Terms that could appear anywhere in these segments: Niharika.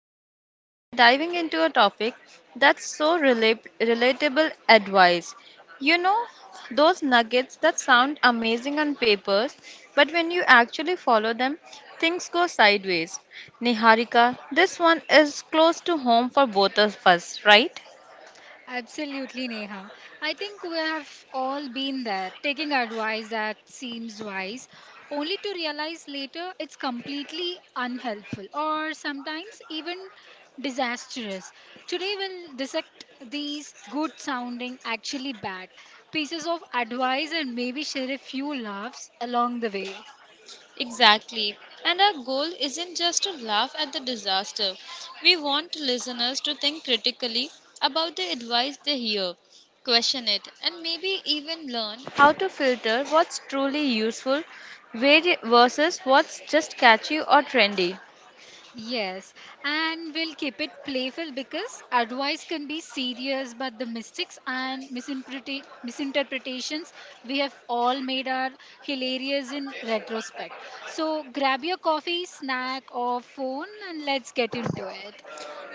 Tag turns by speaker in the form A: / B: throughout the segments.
A: and today we are diving into a topic that's so relatable advice. You know, those nuggets that sound amazing on papers, but when you actually follow them, things go sideways. Niharika, this one is close to home for both of us, right?
B: Absolutely, Neha. I think we have all been there, taking advice that seems wise, only to realize later it's completely unhelpful or sometimes even disastrous. Today, we'll dissect these good sounding, actually bad pieces of advice and maybe share a few laughs along the way.
A: Exactly. And our goal isn't just to laugh at the disaster. We want listeners to think critically about the advice they hear, question it, and maybe even learn how to filter what's truly useful versus what's just catchy or trendy.
B: Yes, and we'll keep it playful because advice can be serious, but the mistakes and misinterpretations we have all made are hilarious in retrospect. So grab your coffee, snack, or phone, and let's get into it.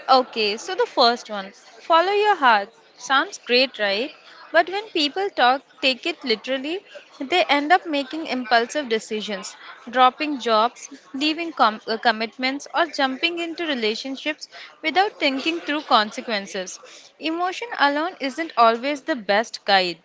A: Okay, so the first one, follow your heart. Sounds great, right? But when people talk, take it literally, they end up making impulsive decisions, dropping jobs, leaving commitments, or jumping into relationships without thinking through consequences. Emotion alone isn't always the best guide.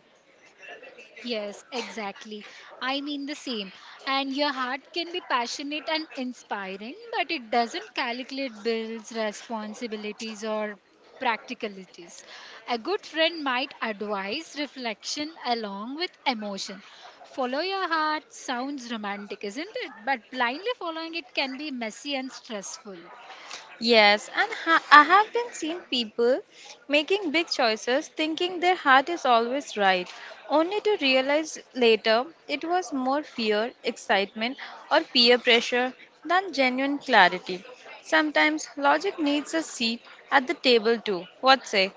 B: Yes, exactly. I mean the same. And your heart can be passionate and inspiring, but it doesn't calculate bills, responsibilities, or practicalities. A good friend might advise reflection along with emotion. Follow your heart sounds romantic, isn't it? But blindly following it can be messy and stressful.
A: Yes, and I have been seeing people making big choices thinking their heart is always right, only to realize later it was more fear, excitement, or peer pressure than genuine clarity. Sometimes logic needs a seat at the table too. What say?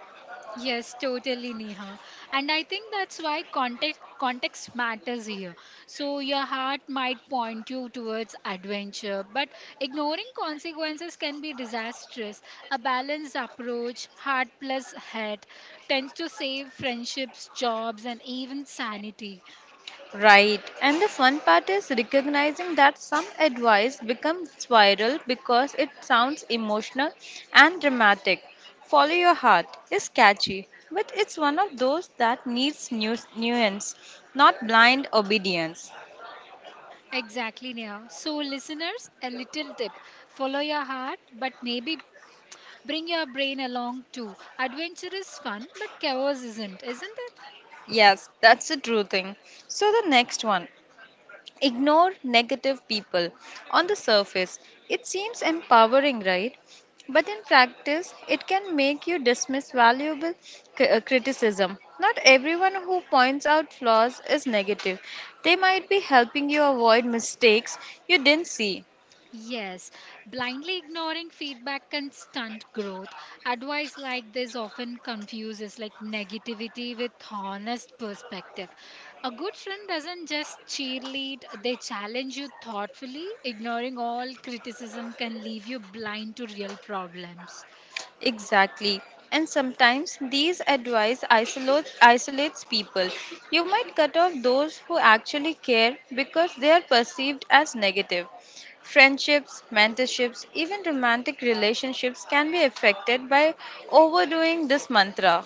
B: Yes, totally, Neha. And I think that's why context matters here. So your heart might point you towards adventure, but ignoring consequences can be disastrous. A balanced approach, heart plus head, tends to save friendships, jobs, and even sanity.
A: Right. And the fun part is recognizing that some advice becomes viral because it sounds emotional and dramatic. Follow your heart is catchy, but it's one of those that needs nuance, not blind obedience.
B: Exactly, Neha. So listeners, a little tip: follow your heart, but maybe bring your brain along too. Adventure is fun, but chaos isn't it?
A: Yes, that's the true thing. So the next one, ignore negative people. On the surface, it seems empowering, right? But in practice, it can make you dismiss valuable criticism. Not everyone who points out flaws is negative. They might be helping you avoid mistakes you didn't see.
B: Yes, blindly ignoring feedback can stunt growth. Advice like this often confuses like negativity with honest perspective. A good friend doesn't just cheerlead, they challenge you thoughtfully. Ignoring all criticism can leave you blind to real problems.
A: Exactly. And sometimes these advice isolates people. You might cut off those who actually care because they are perceived as negative. Friendships, mentorships, even romantic relationships can be affected by overdoing this mantra.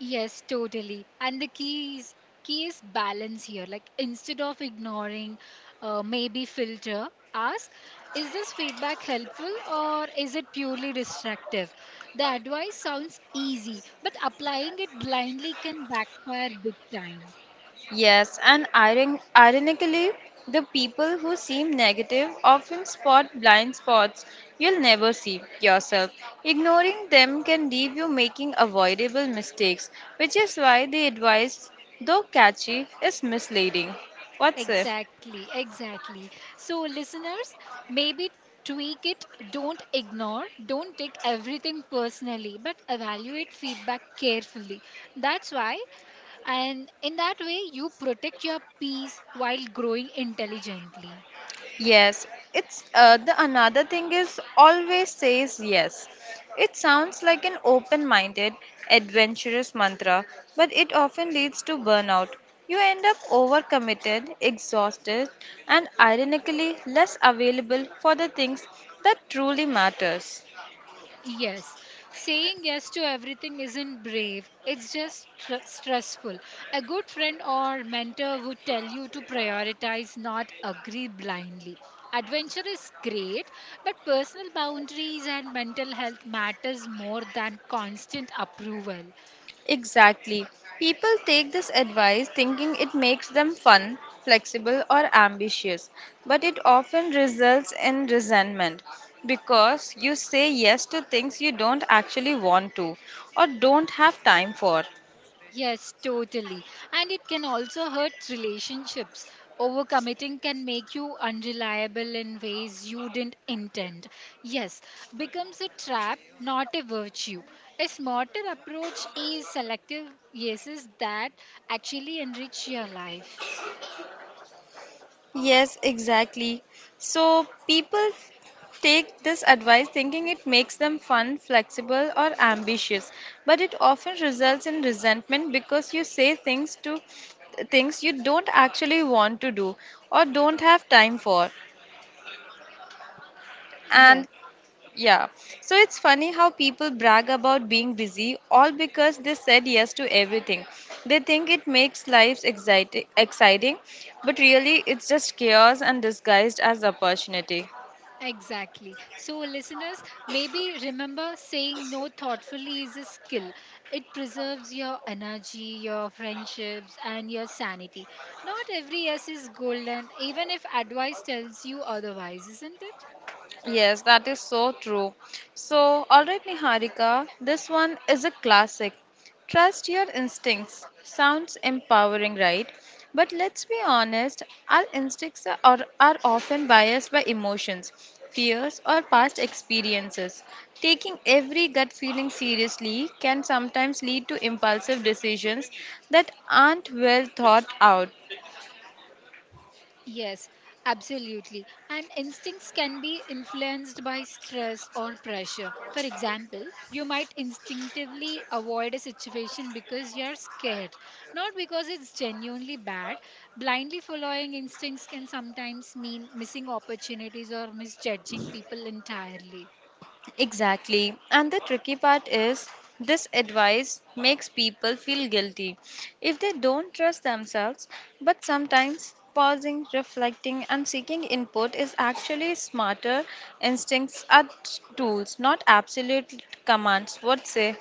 B: Yes, totally. And the key is balance here. Like instead of ignoring, maybe filter, ask, is this feedback helpful or is it purely destructive? The advice sounds easy, but applying it blindly can backfire big time.
A: Yes, and ironically, the people who seem negative often spot blind spots you'll never see yourself. Ignoring them can leave you making avoidable mistakes, which is why the advice, though catchy, is misleading. What's it?
B: Exactly, exactly. So, listeners, maybe tweak it, don't ignore, don't take everything personally, but evaluate feedback carefully. That's why, and in that way, you protect your peace while growing intelligently.
A: Yes, it's the another thing is always says yes. It sounds like an open minded, adventurous mantra, but it often leads to burnout. You end up overcommitted, exhausted, and ironically less available for the things that truly matters.
B: Yes, saying yes to everything isn't brave, it's just stressful. A good friend or mentor would tell you to prioritize, not agree blindly. Adventure is great, but personal boundaries and mental health matters more than constant approval.
A: Exactly. People take this advice thinking it makes them fun, flexible, or ambitious, but it often results in resentment because you say yes to things you don't actually want to or don't have time for.
B: Yes, totally. And it can also hurt relationships. Overcommitting can make you unreliable in ways you didn't intend. Yes, becomes a trap, not a virtue. A smarter approach is selective yeses that actually enrich your life.
A: Yes, exactly. So people take this advice thinking it makes them fun, flexible, or ambitious, but it often results in resentment because you say things to things you don't actually want to do or don't have time for. And
B: Yes.
A: yeah. So it's funny how people brag about being busy all because they said yes to everything. They think it makes lives exciting, but really it's just chaos and disguised as opportunity.
B: Exactly. So, listeners, maybe remember saying no thoughtfully is a skill. It preserves your energy, your friendships, and your sanity. Not every yes is golden, even if advice tells you otherwise, isn't it?
A: Yes, that is so true. So, all right, Niharika, this one is a classic. Trust your instincts. Sounds empowering, right? But let's be honest, our instincts are often biased by emotions, fears, or past experiences. Taking every gut feeling seriously can sometimes lead to impulsive decisions that aren't well thought out.
B: Yes, absolutely. And instincts can be influenced by stress or pressure. For example, you might instinctively avoid a situation because you're scared, not because it's genuinely bad. Blindly following instincts can sometimes mean missing opportunities or misjudging people entirely.
A: Exactly. And the tricky part is this advice makes people feel guilty if they don't trust themselves. But sometimes pausing, reflecting, and seeking input is actually smarter. Instincts are tools, not absolute commands. What say?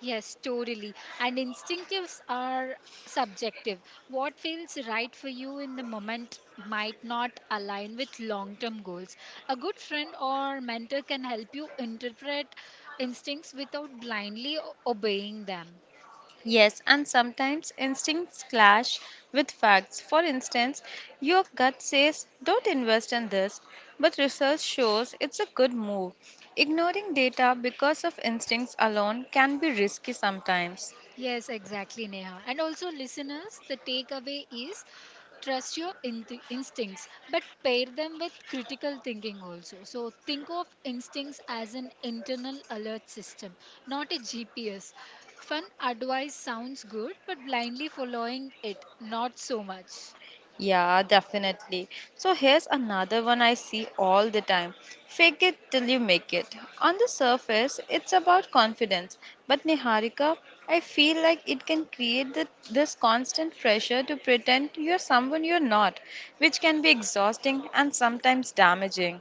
B: Yes, totally. And instinctives are subjective. What feels right for you in the moment might not align with long term goals. A good friend or mentor can help you interpret instincts without blindly obeying them.
A: Yes, and sometimes instincts clash with facts. For instance, your gut says don't invest in this, but research shows it's a good move. Ignoring data because of instincts alone can be risky sometimes.
B: Yes, exactly, Neha. And also, listeners, the takeaway is trust your instincts, but pair them with critical thinking also. So, think of instincts as an internal alert system, not a GPS. Fun advice sounds good, but blindly following it, not so much.
A: Yeah, definitely. So here's another one I see all the time. Fake it till you make it. On the surface, it's about confidence, but Niharika, I feel like it can create this constant pressure to pretend you're someone you're not, which can be exhausting and sometimes damaging.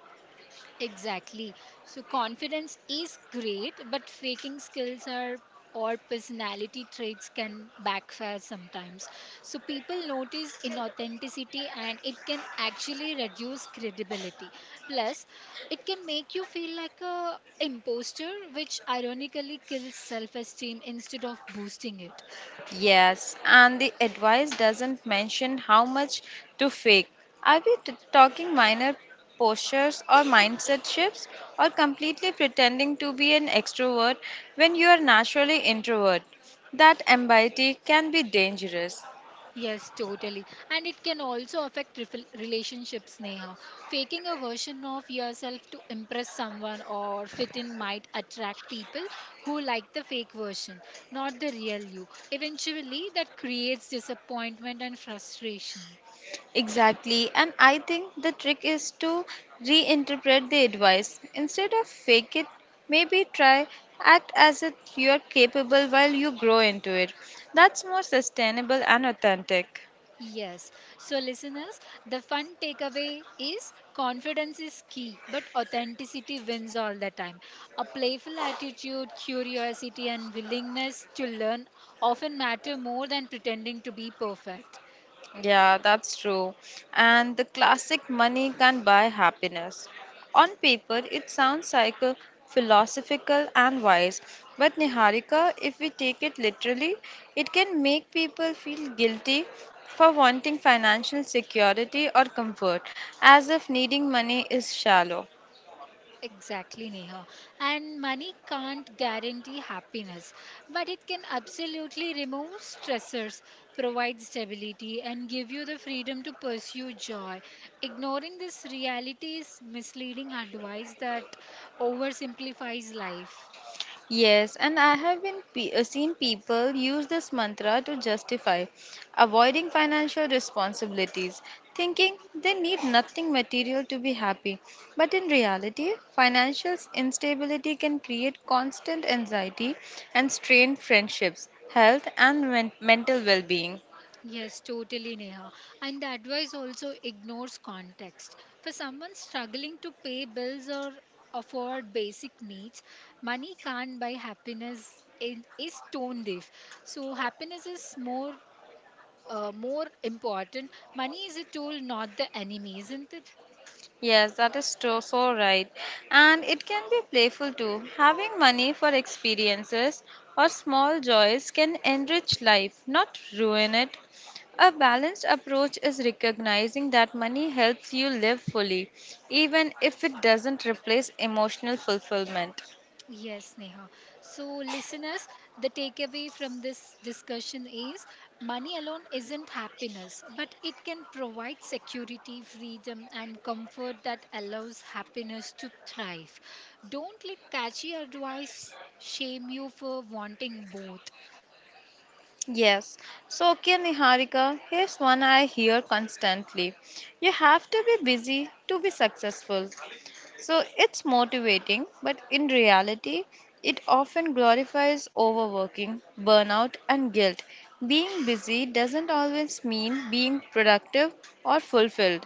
B: Exactly. So confidence is great, but faking skills are or personality traits can backfire sometimes. So people notice inauthenticity and it can actually reduce credibility. Plus, it can make you feel like a imposter which ironically kills self-esteem instead of boosting it.
A: Yes, and the advice doesn't mention how much to fake. Are we talking minor postures or mindset shifts or completely pretending to be an extrovert when you are naturally introvert? That ambiguity can be dangerous.
B: Yes, totally. And it can also affect relationships, Neha. Faking a version of yourself to impress someone or fit in might attract people who like the fake version, not the real you. Eventually, that creates disappointment and frustration.
A: Exactly, and I think the trick is to reinterpret the advice. Instead of fake it, maybe try act as if you are capable while you grow into it. That's more sustainable and authentic.
B: Yes. So, listeners, the fun takeaway is confidence is key, but authenticity wins all the time. A playful attitude, curiosity, and willingness to learn often matter more than pretending to be perfect.
A: Yeah, that's true. And the classic money can buy happiness. On paper, it sounds psycho, philosophical, and wise. But Niharika, if we take it literally, it can make people feel guilty for wanting financial security or comfort, as if needing money is shallow.
B: Exactly, Neha. And money can't guarantee happiness, but it can absolutely remove stressors, provide stability, and give you the freedom to pursue joy. Ignoring this reality is misleading advice that oversimplifies life.
A: Yes, and I have been seen people use this mantra to justify avoiding financial responsibilities, thinking they need nothing material to be happy. But in reality, financial instability can create constant anxiety and strain friendships, health, and mental well being.
B: Yes, totally, Neha. And the advice also ignores context. For someone struggling to pay bills or afford basic needs, money can't buy happiness in, is tone deaf. So, happiness is more. More important, money is a tool, not the enemy, isn't it?
A: Yes, that is true, so right. And it can be playful too. Having money for experiences or small joys can enrich life, not ruin it. A balanced approach is recognizing that money helps you live fully, even if it doesn't replace emotional fulfillment.
B: Yes, Neha. So, listeners, the takeaway from this discussion is money alone isn't happiness, but it can provide security, freedom, and comfort that allows happiness to thrive. Don't let catchy advice shame you for wanting both.
A: Yes. So, okay, Niharika, here's one I hear constantly. You have to be busy to be successful. So it's motivating, but in reality, it often glorifies overworking, burnout, and guilt. Being busy doesn't always mean being productive or fulfilled.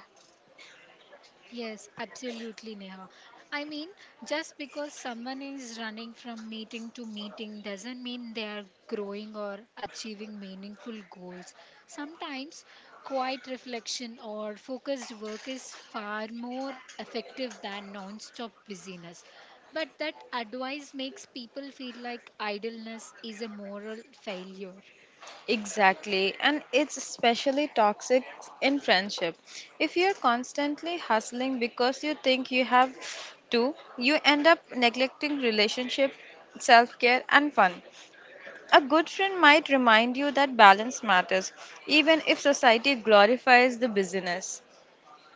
B: Yes, absolutely, Neha. I mean, just because someone is running from meeting to meeting doesn't mean they are growing or achieving meaningful goals. Sometimes quiet reflection or focused work is far more effective than non-stop busyness. But that advice makes people feel like idleness is a moral failure.
A: Exactly, and it's especially toxic in friendship. If you're constantly hustling because you think you have to, you end up neglecting relationship, self care, and fun. A good friend might remind you that balance matters, even if society glorifies the business.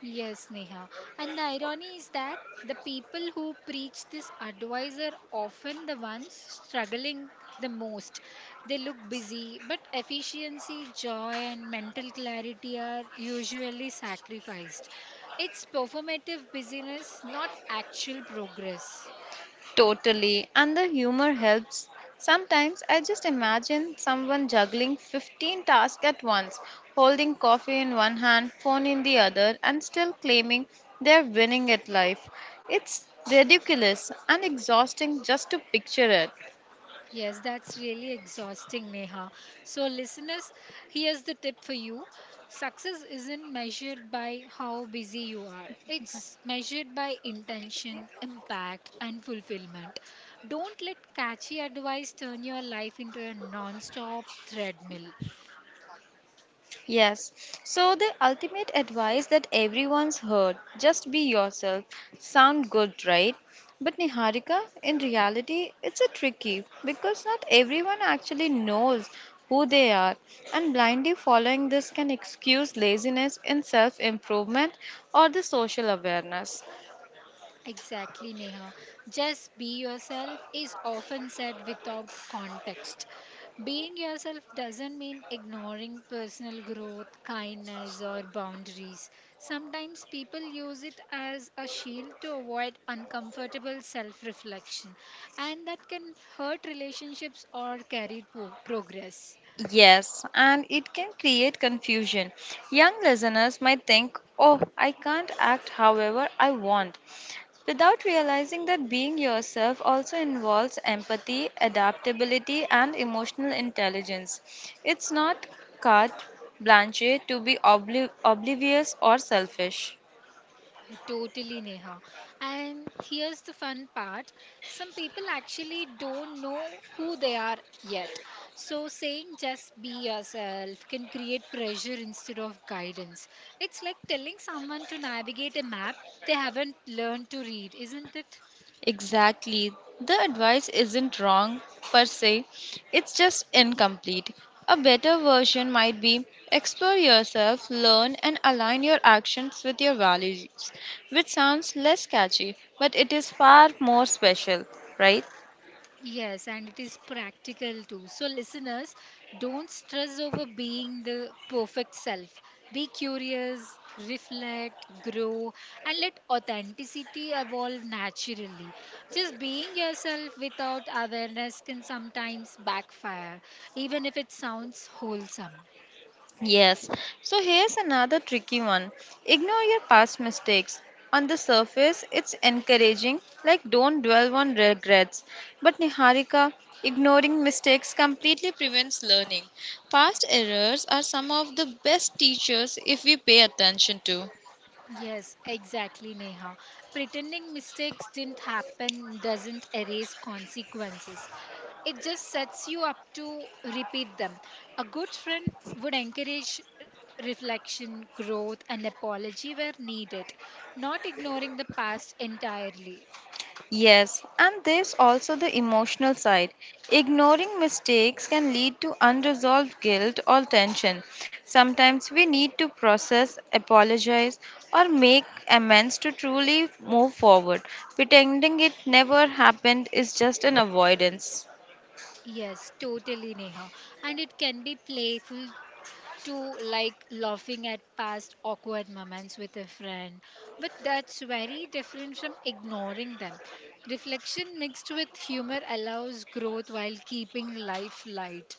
B: Yes, Neha. And the irony is that the people who preach this advice are often the ones struggling the most. They look busy, but efficiency, joy, and mental clarity are usually sacrificed. It's performative busyness, not actual progress.
A: Totally. And the humor helps. Sometimes I just imagine someone juggling 15 tasks at once, holding coffee in one hand, phone in the other, and still claiming they're winning at life. It's ridiculous and exhausting just to picture it.
B: Yes, that's really exhausting, Neha. So, listeners, here's the tip for you success isn't measured by how busy you are, it's measured by intention, impact, and fulfillment. Don't let catchy advice turn your life into a non stop treadmill.
A: Yes. So the ultimate advice that everyone's heard, just be yourself, sound good, right? But Niharika, in reality, it's a tricky because not everyone actually knows who they are, and blindly following this can excuse laziness in self-improvement or the social awareness.
B: Exactly, Neha. Just be yourself is often said without context. Being yourself doesn't mean ignoring personal growth, kindness, or boundaries. Sometimes people use it as a shield to avoid uncomfortable self reflection, and that can hurt relationships or career progress.
A: Yes, and it can create confusion. Young listeners might think, oh, I can't act however I want, without realizing that being yourself also involves empathy, adaptability, and emotional intelligence. It's not carte blanche to be oblivious or selfish.
B: Totally, Neha. And here's the fun part some people actually don't know who they are yet. So, saying just be yourself can create pressure instead of guidance. It's like telling someone to navigate a map they haven't learned to read, isn't it?
A: Exactly. The advice isn't wrong per se, it's just incomplete. A better version might be explore yourself, learn, and align your actions with your values, which sounds less catchy, but it is far more special, right?
B: Yes, and it is practical too. So, listeners, don't stress over being the perfect self. Be curious, reflect, grow, and let authenticity evolve naturally. Just being yourself without awareness can sometimes backfire, even if it sounds wholesome.
A: Yes. So here's another tricky one. Ignore your past mistakes. On the surface, it's encouraging, like don't dwell on regrets. But Niharika, ignoring mistakes completely prevents learning. Past errors are some of the best teachers if we pay attention to.
B: Yes, exactly, Neha. Pretending mistakes didn't happen doesn't erase consequences. It just sets you up to repeat them. A good friend would encourage reflection, growth, and apology where needed, not ignoring the past entirely.
A: Yes, and there's also the emotional side. Ignoring mistakes can lead to unresolved guilt or tension. Sometimes we need to process, apologize, or make amends to truly move forward. Pretending it never happened is just an avoidance.
B: Yes, totally, Neha. And it can be playful to like laughing at past awkward moments with a friend. But that's very different from ignoring them. Reflection mixed with humor allows growth while keeping life light.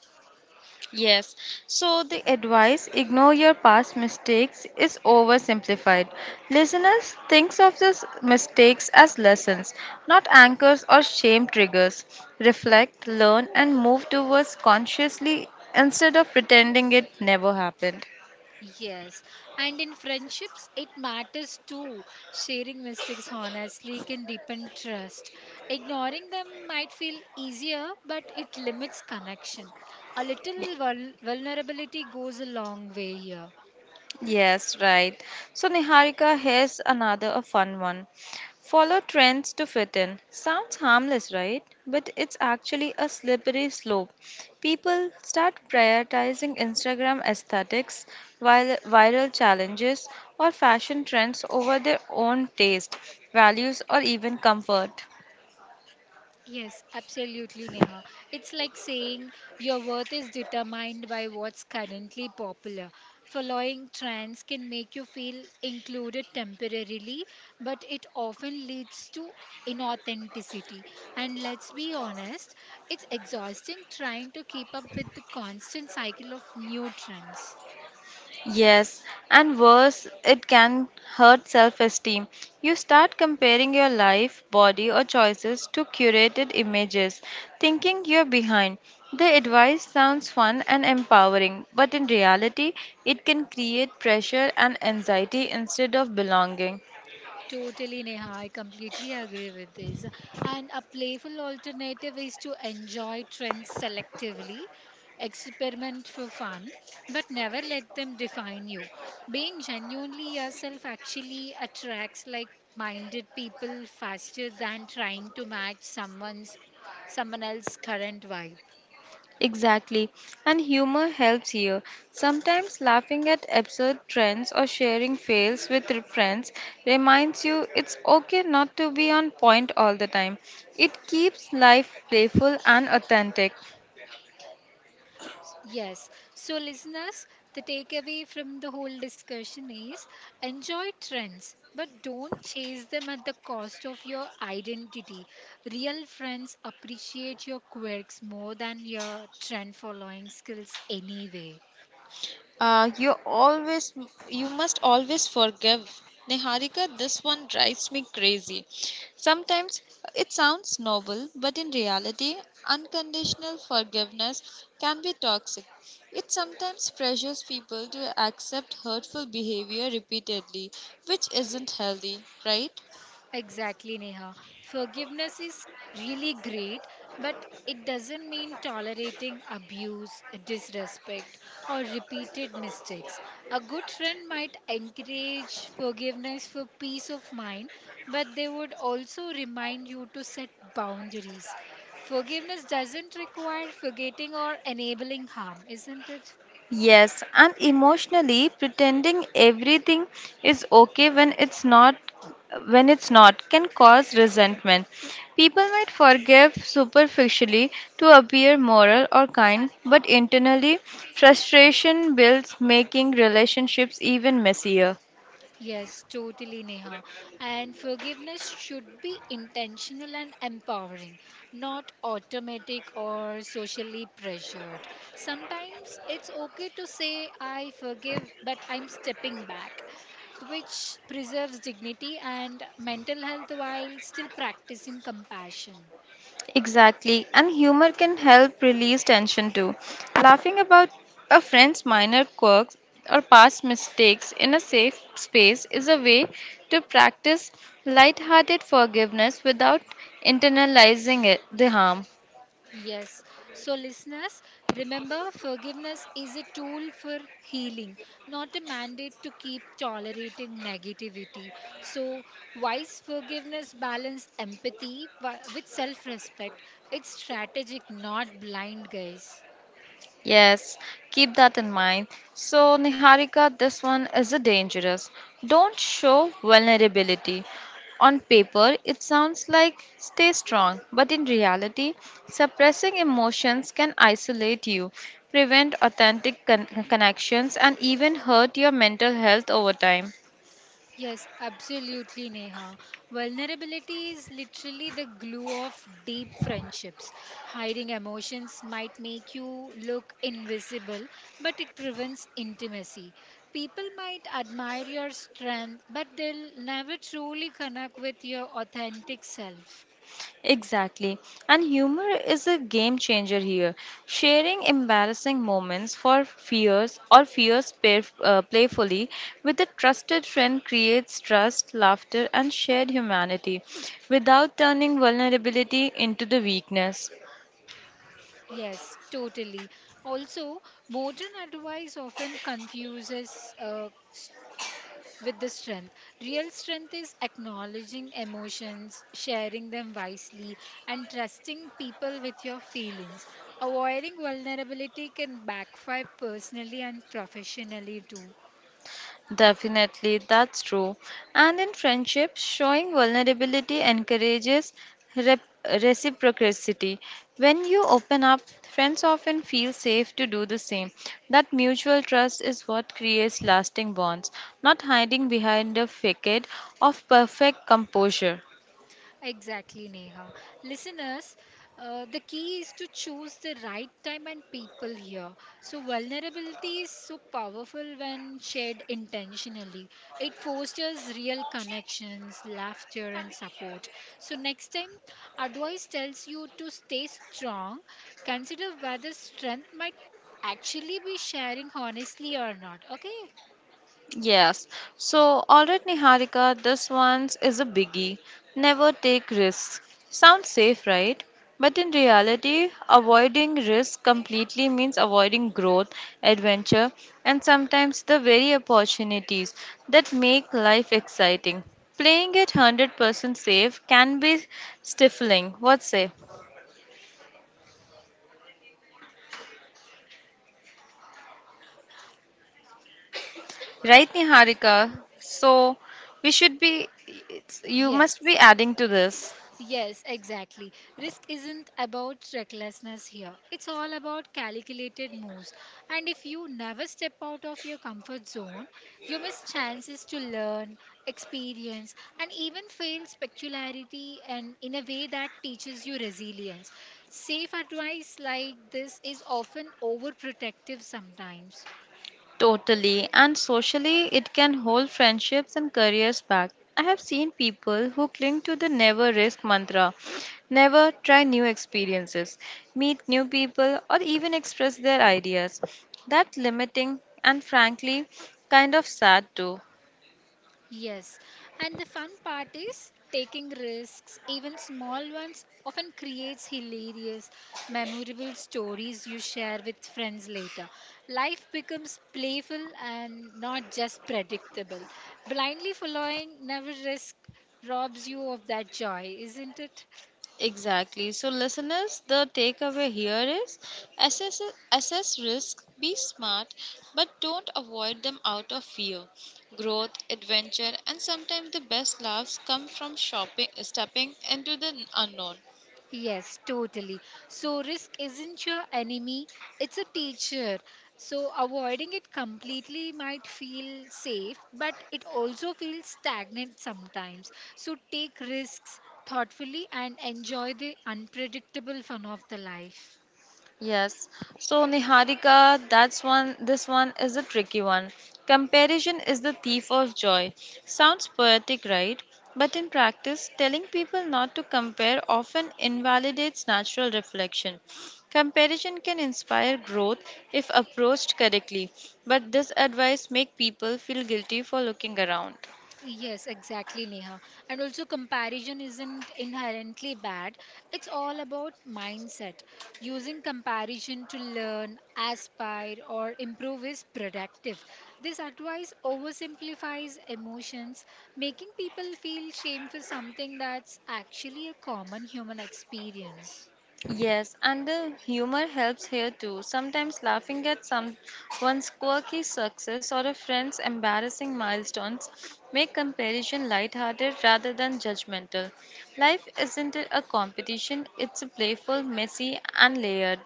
A: Yes, so the advice ignore your past mistakes is oversimplified. Listeners, think of these mistakes as lessons, not anchors or shame triggers. Reflect, learn, and move towards consciously instead of pretending it never happened.
B: Yes, and in friendships, it matters too. Sharing mistakes honestly can deepen trust. Ignoring them might feel easier, but it limits connection. A little vulnerability goes a long way here.
A: Yes, right. So Niharika, here's another a fun one. Follow trends to fit in. Sounds harmless, right? But it's actually a slippery slope. People start prioritizing Instagram aesthetics, viral challenges, or fashion trends over their own taste, values, or even comfort.
B: Yes, absolutely, Neha. It's like saying your worth is determined by what's currently popular. Following trends can make you feel included temporarily, but it often leads to inauthenticity. And let's be honest, it's exhausting trying to keep up with the constant cycle of new trends.
A: Yes, and worse, it can hurt self esteem. You start comparing your life, body, or choices to curated images, thinking you're behind. The advice sounds fun and empowering, but in reality, it can create pressure and anxiety instead of belonging.
B: Totally, Neha. I completely agree with this. And a playful alternative is to enjoy trends selectively, experiment for fun, but never let them define you. Being genuinely yourself actually attracts like minded people faster than trying to match someone else's current vibe.
A: Exactly. And humor helps here. Sometimes laughing at absurd trends or sharing fails with your friends reminds you it's okay not to be on point all the time. It keeps life playful and authentic.
B: Yes. So, listeners, the takeaway from the whole discussion is enjoy trends, but don't chase them at the cost of your identity. Real friends appreciate your quirks more than your trend following skills anyway.
A: Uh, you always, you must always forgive. Niharika, this one drives me crazy. Sometimes it sounds noble, but in reality, unconditional forgiveness can be toxic. It sometimes pressures people to accept hurtful behavior repeatedly, which isn't healthy, right?
B: Exactly, Neha. Forgiveness is really great, but it doesn't mean tolerating abuse, disrespect, or repeated mistakes. A good friend might encourage forgiveness for peace of mind, but they would also remind you to set boundaries. Forgiveness doesn't require forgetting or enabling harm, isn't it?
A: Yes, and emotionally pretending everything is okay when it's not can cause resentment. People might forgive superficially to appear moral or kind, but internally frustration builds making relationships even messier.
B: Yes, totally, Neha. And forgiveness should be intentional and empowering, not automatic or socially pressured. Sometimes it's okay to say, I forgive, but I'm stepping back, which preserves dignity and mental health while still practicing compassion.
A: Exactly, and humor can help release tension too. Laughing about a friend's minor quirks or past mistakes in a safe space is a way to practice lighthearted forgiveness without internalizing it, the harm.
B: Yes. So, listeners, remember forgiveness is a tool for healing, not a mandate to keep tolerating negativity. So, wise forgiveness balance empathy with self respect. It's strategic, not blind, guys.
A: Yes, keep that in mind. So, Niharika, this one is a dangerous. Don't show vulnerability. On paper, it sounds like stay strong, but in reality, suppressing emotions can isolate you, prevent authentic connections, and even hurt your mental health over time.
B: Yes, absolutely, Neha. Vulnerability is literally the glue of deep friendships. Hiding emotions might make you look invisible, but it prevents intimacy. People might admire your strength, but they'll never truly connect with your authentic self.
A: Exactly. And humor is a game changer here. Sharing embarrassing moments for fears or fears pair, playfully with a trusted friend creates trust, laughter, and shared humanity without turning vulnerability into the weakness.
B: Yes, totally. Also, modern advice often confuses with the strength. Real strength is acknowledging emotions, sharing them wisely, and trusting people with your feelings. Avoiding vulnerability can backfire personally and professionally too.
A: Definitely, that's true. And in friendships, showing vulnerability encourages rep- reciprocity. When you open up, friends often feel safe to do the same. That mutual trust is what creates lasting bonds, not hiding behind a facade of perfect composure.
B: Exactly, Neha. Listeners, the key is to choose the right time and people here. So, vulnerability is so powerful when shared intentionally. It fosters real connections, laughter, and support. So, next time advice tells you to stay strong, consider whether strength might actually be sharing honestly or not. Okay?
A: Yes. So, all right, Niharika, this one is a biggie. Never take risks. Sounds safe, right? But in reality, avoiding risk completely means avoiding growth, adventure, and sometimes the very opportunities that make life exciting. Playing it 100% safe can be stifling. What say? Right, Niharika? So, we should be, you must
B: Yes.
A: be adding to this.
B: Yes, exactly. Risk isn't about recklessness here. It's all about calculated moves. And if you never step out of your comfort zone, you miss chances to learn, experience, and even fail specularity and in a way that teaches you resilience. Safe advice like this is often overprotective sometimes.
A: Totally, and socially, it can hold friendships and careers back. I have seen people who cling to the never risk mantra, never try new experiences, meet new people, or even express their ideas. That limiting and frankly kind of sad too.
B: Yes, and the fun part is taking risks, even small ones, often creates hilarious, memorable stories you share with friends later. Life becomes playful and not just predictable. Blindly following, never risk, robs you of that joy, isn't it?
A: Exactly. So, listeners, the takeaway here is assess, assess risk, be smart, but don't avoid them out of fear. Growth, adventure, and sometimes the best laughs come from shopping, stepping into the unknown.
B: Yes, totally. So, risk isn't your enemy, it's a teacher. So, avoiding it completely might feel safe, but it also feels stagnant sometimes. So, take risks thoughtfully and enjoy the unpredictable fun of the life.
A: Yes. So Niharika, that's one this one is a tricky one. Comparison is the thief of joy. Sounds poetic, right? But in practice, telling people not to compare often invalidates natural reflection. Comparison can inspire growth if approached correctly, but this advice make people feel guilty for looking around.
B: Yes, exactly, Neha. And also, comparison isn't inherently bad. It's all about mindset. Using comparison to learn, aspire, or improve is productive. This advice oversimplifies emotions, making people feel shame for something that's actually a common human experience.
A: Yes, and the humor helps here too. Sometimes laughing at someone's quirky success or a friend's embarrassing milestones make comparison lighthearted rather than judgmental. Life isn't a competition, it's a playful, messy, and layered.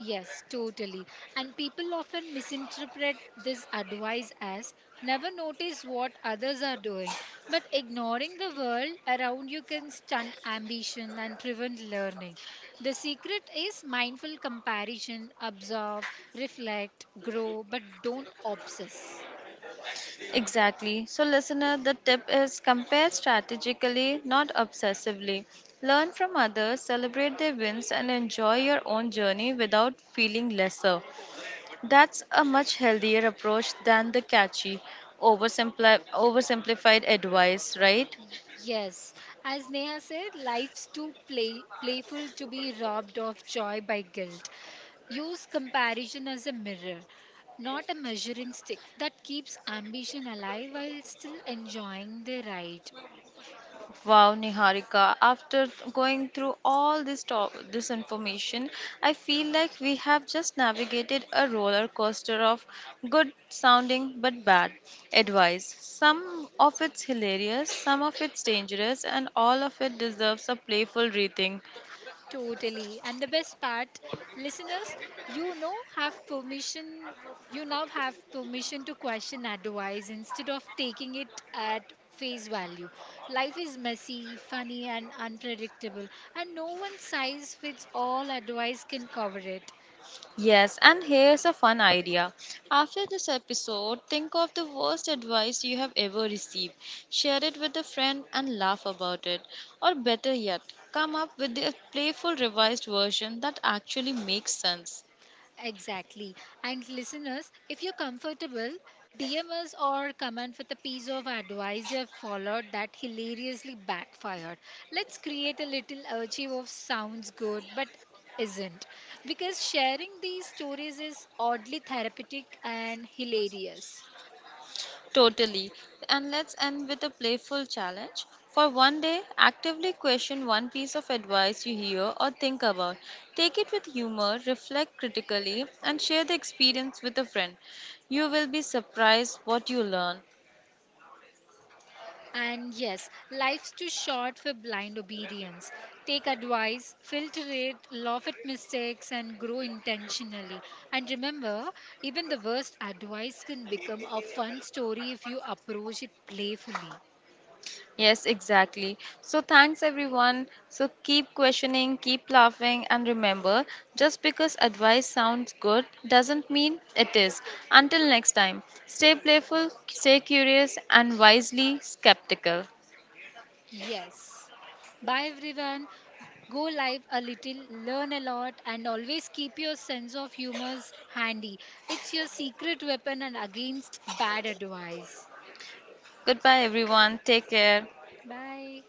B: Yes, totally. And people often misinterpret this advice as never notice what others are doing. But ignoring the world around you can stunt ambition and prevent learning. The secret is mindful comparison, observe, reflect, grow, but don't obsess.
A: Exactly. So, listener, the tip is compare strategically, not obsessively. Learn from others, celebrate their wins, and enjoy your own journey without feeling lesser. That's a much healthier approach than the catchy, oversimplified advice, right?
B: Yes, as Neha said, life's too playful to be robbed of joy by guilt. Use comparison as a mirror, not a measuring stick that keeps ambition alive while still enjoying the ride.
A: Wow, Niharika, after going through all this information, I feel like we have just navigated a roller coaster of good sounding but bad advice. Some of it's hilarious, some of it's dangerous, and all of it deserves a playful rethink.
B: Totally. And the best part, listeners, you know, you now have permission to question advice instead of taking it at face value. Life is messy, funny, and unpredictable, and no one size fits all advice can cover it.
A: Yes, and here's a fun idea. After this episode, think of the worst advice you have ever received. Share it with a friend and laugh about it. Or better yet, come up with a playful revised version that actually makes sense.
B: Exactly. And listeners, if you're comfortable, DM us or comment with a piece of advice you have followed that hilariously backfired. Let's create a little archive of sounds good but isn't. Because sharing these stories is oddly therapeutic and hilarious.
A: Totally. And let's end with a playful challenge. For one day, actively question one piece of advice you hear or think about. Take it with humor, reflect critically, and share the experience with a friend. You will be surprised what you learn.
B: And yes, life's too short for blind obedience. Take advice, filter it, laugh at mistakes, and grow intentionally. And remember, even the worst advice can become a fun story if you approach it playfully.
A: Yes, exactly. So, thanks everyone. So, keep questioning, keep laughing, and remember just because advice sounds good doesn't mean it is. Until next time, stay playful, stay curious, and wisely skeptical.
B: Yes. Bye everyone. Go live a little, learn a lot, and always keep your sense of humor handy. It's your secret weapon and against bad advice.
A: Goodbye, everyone. Take care.
B: Bye.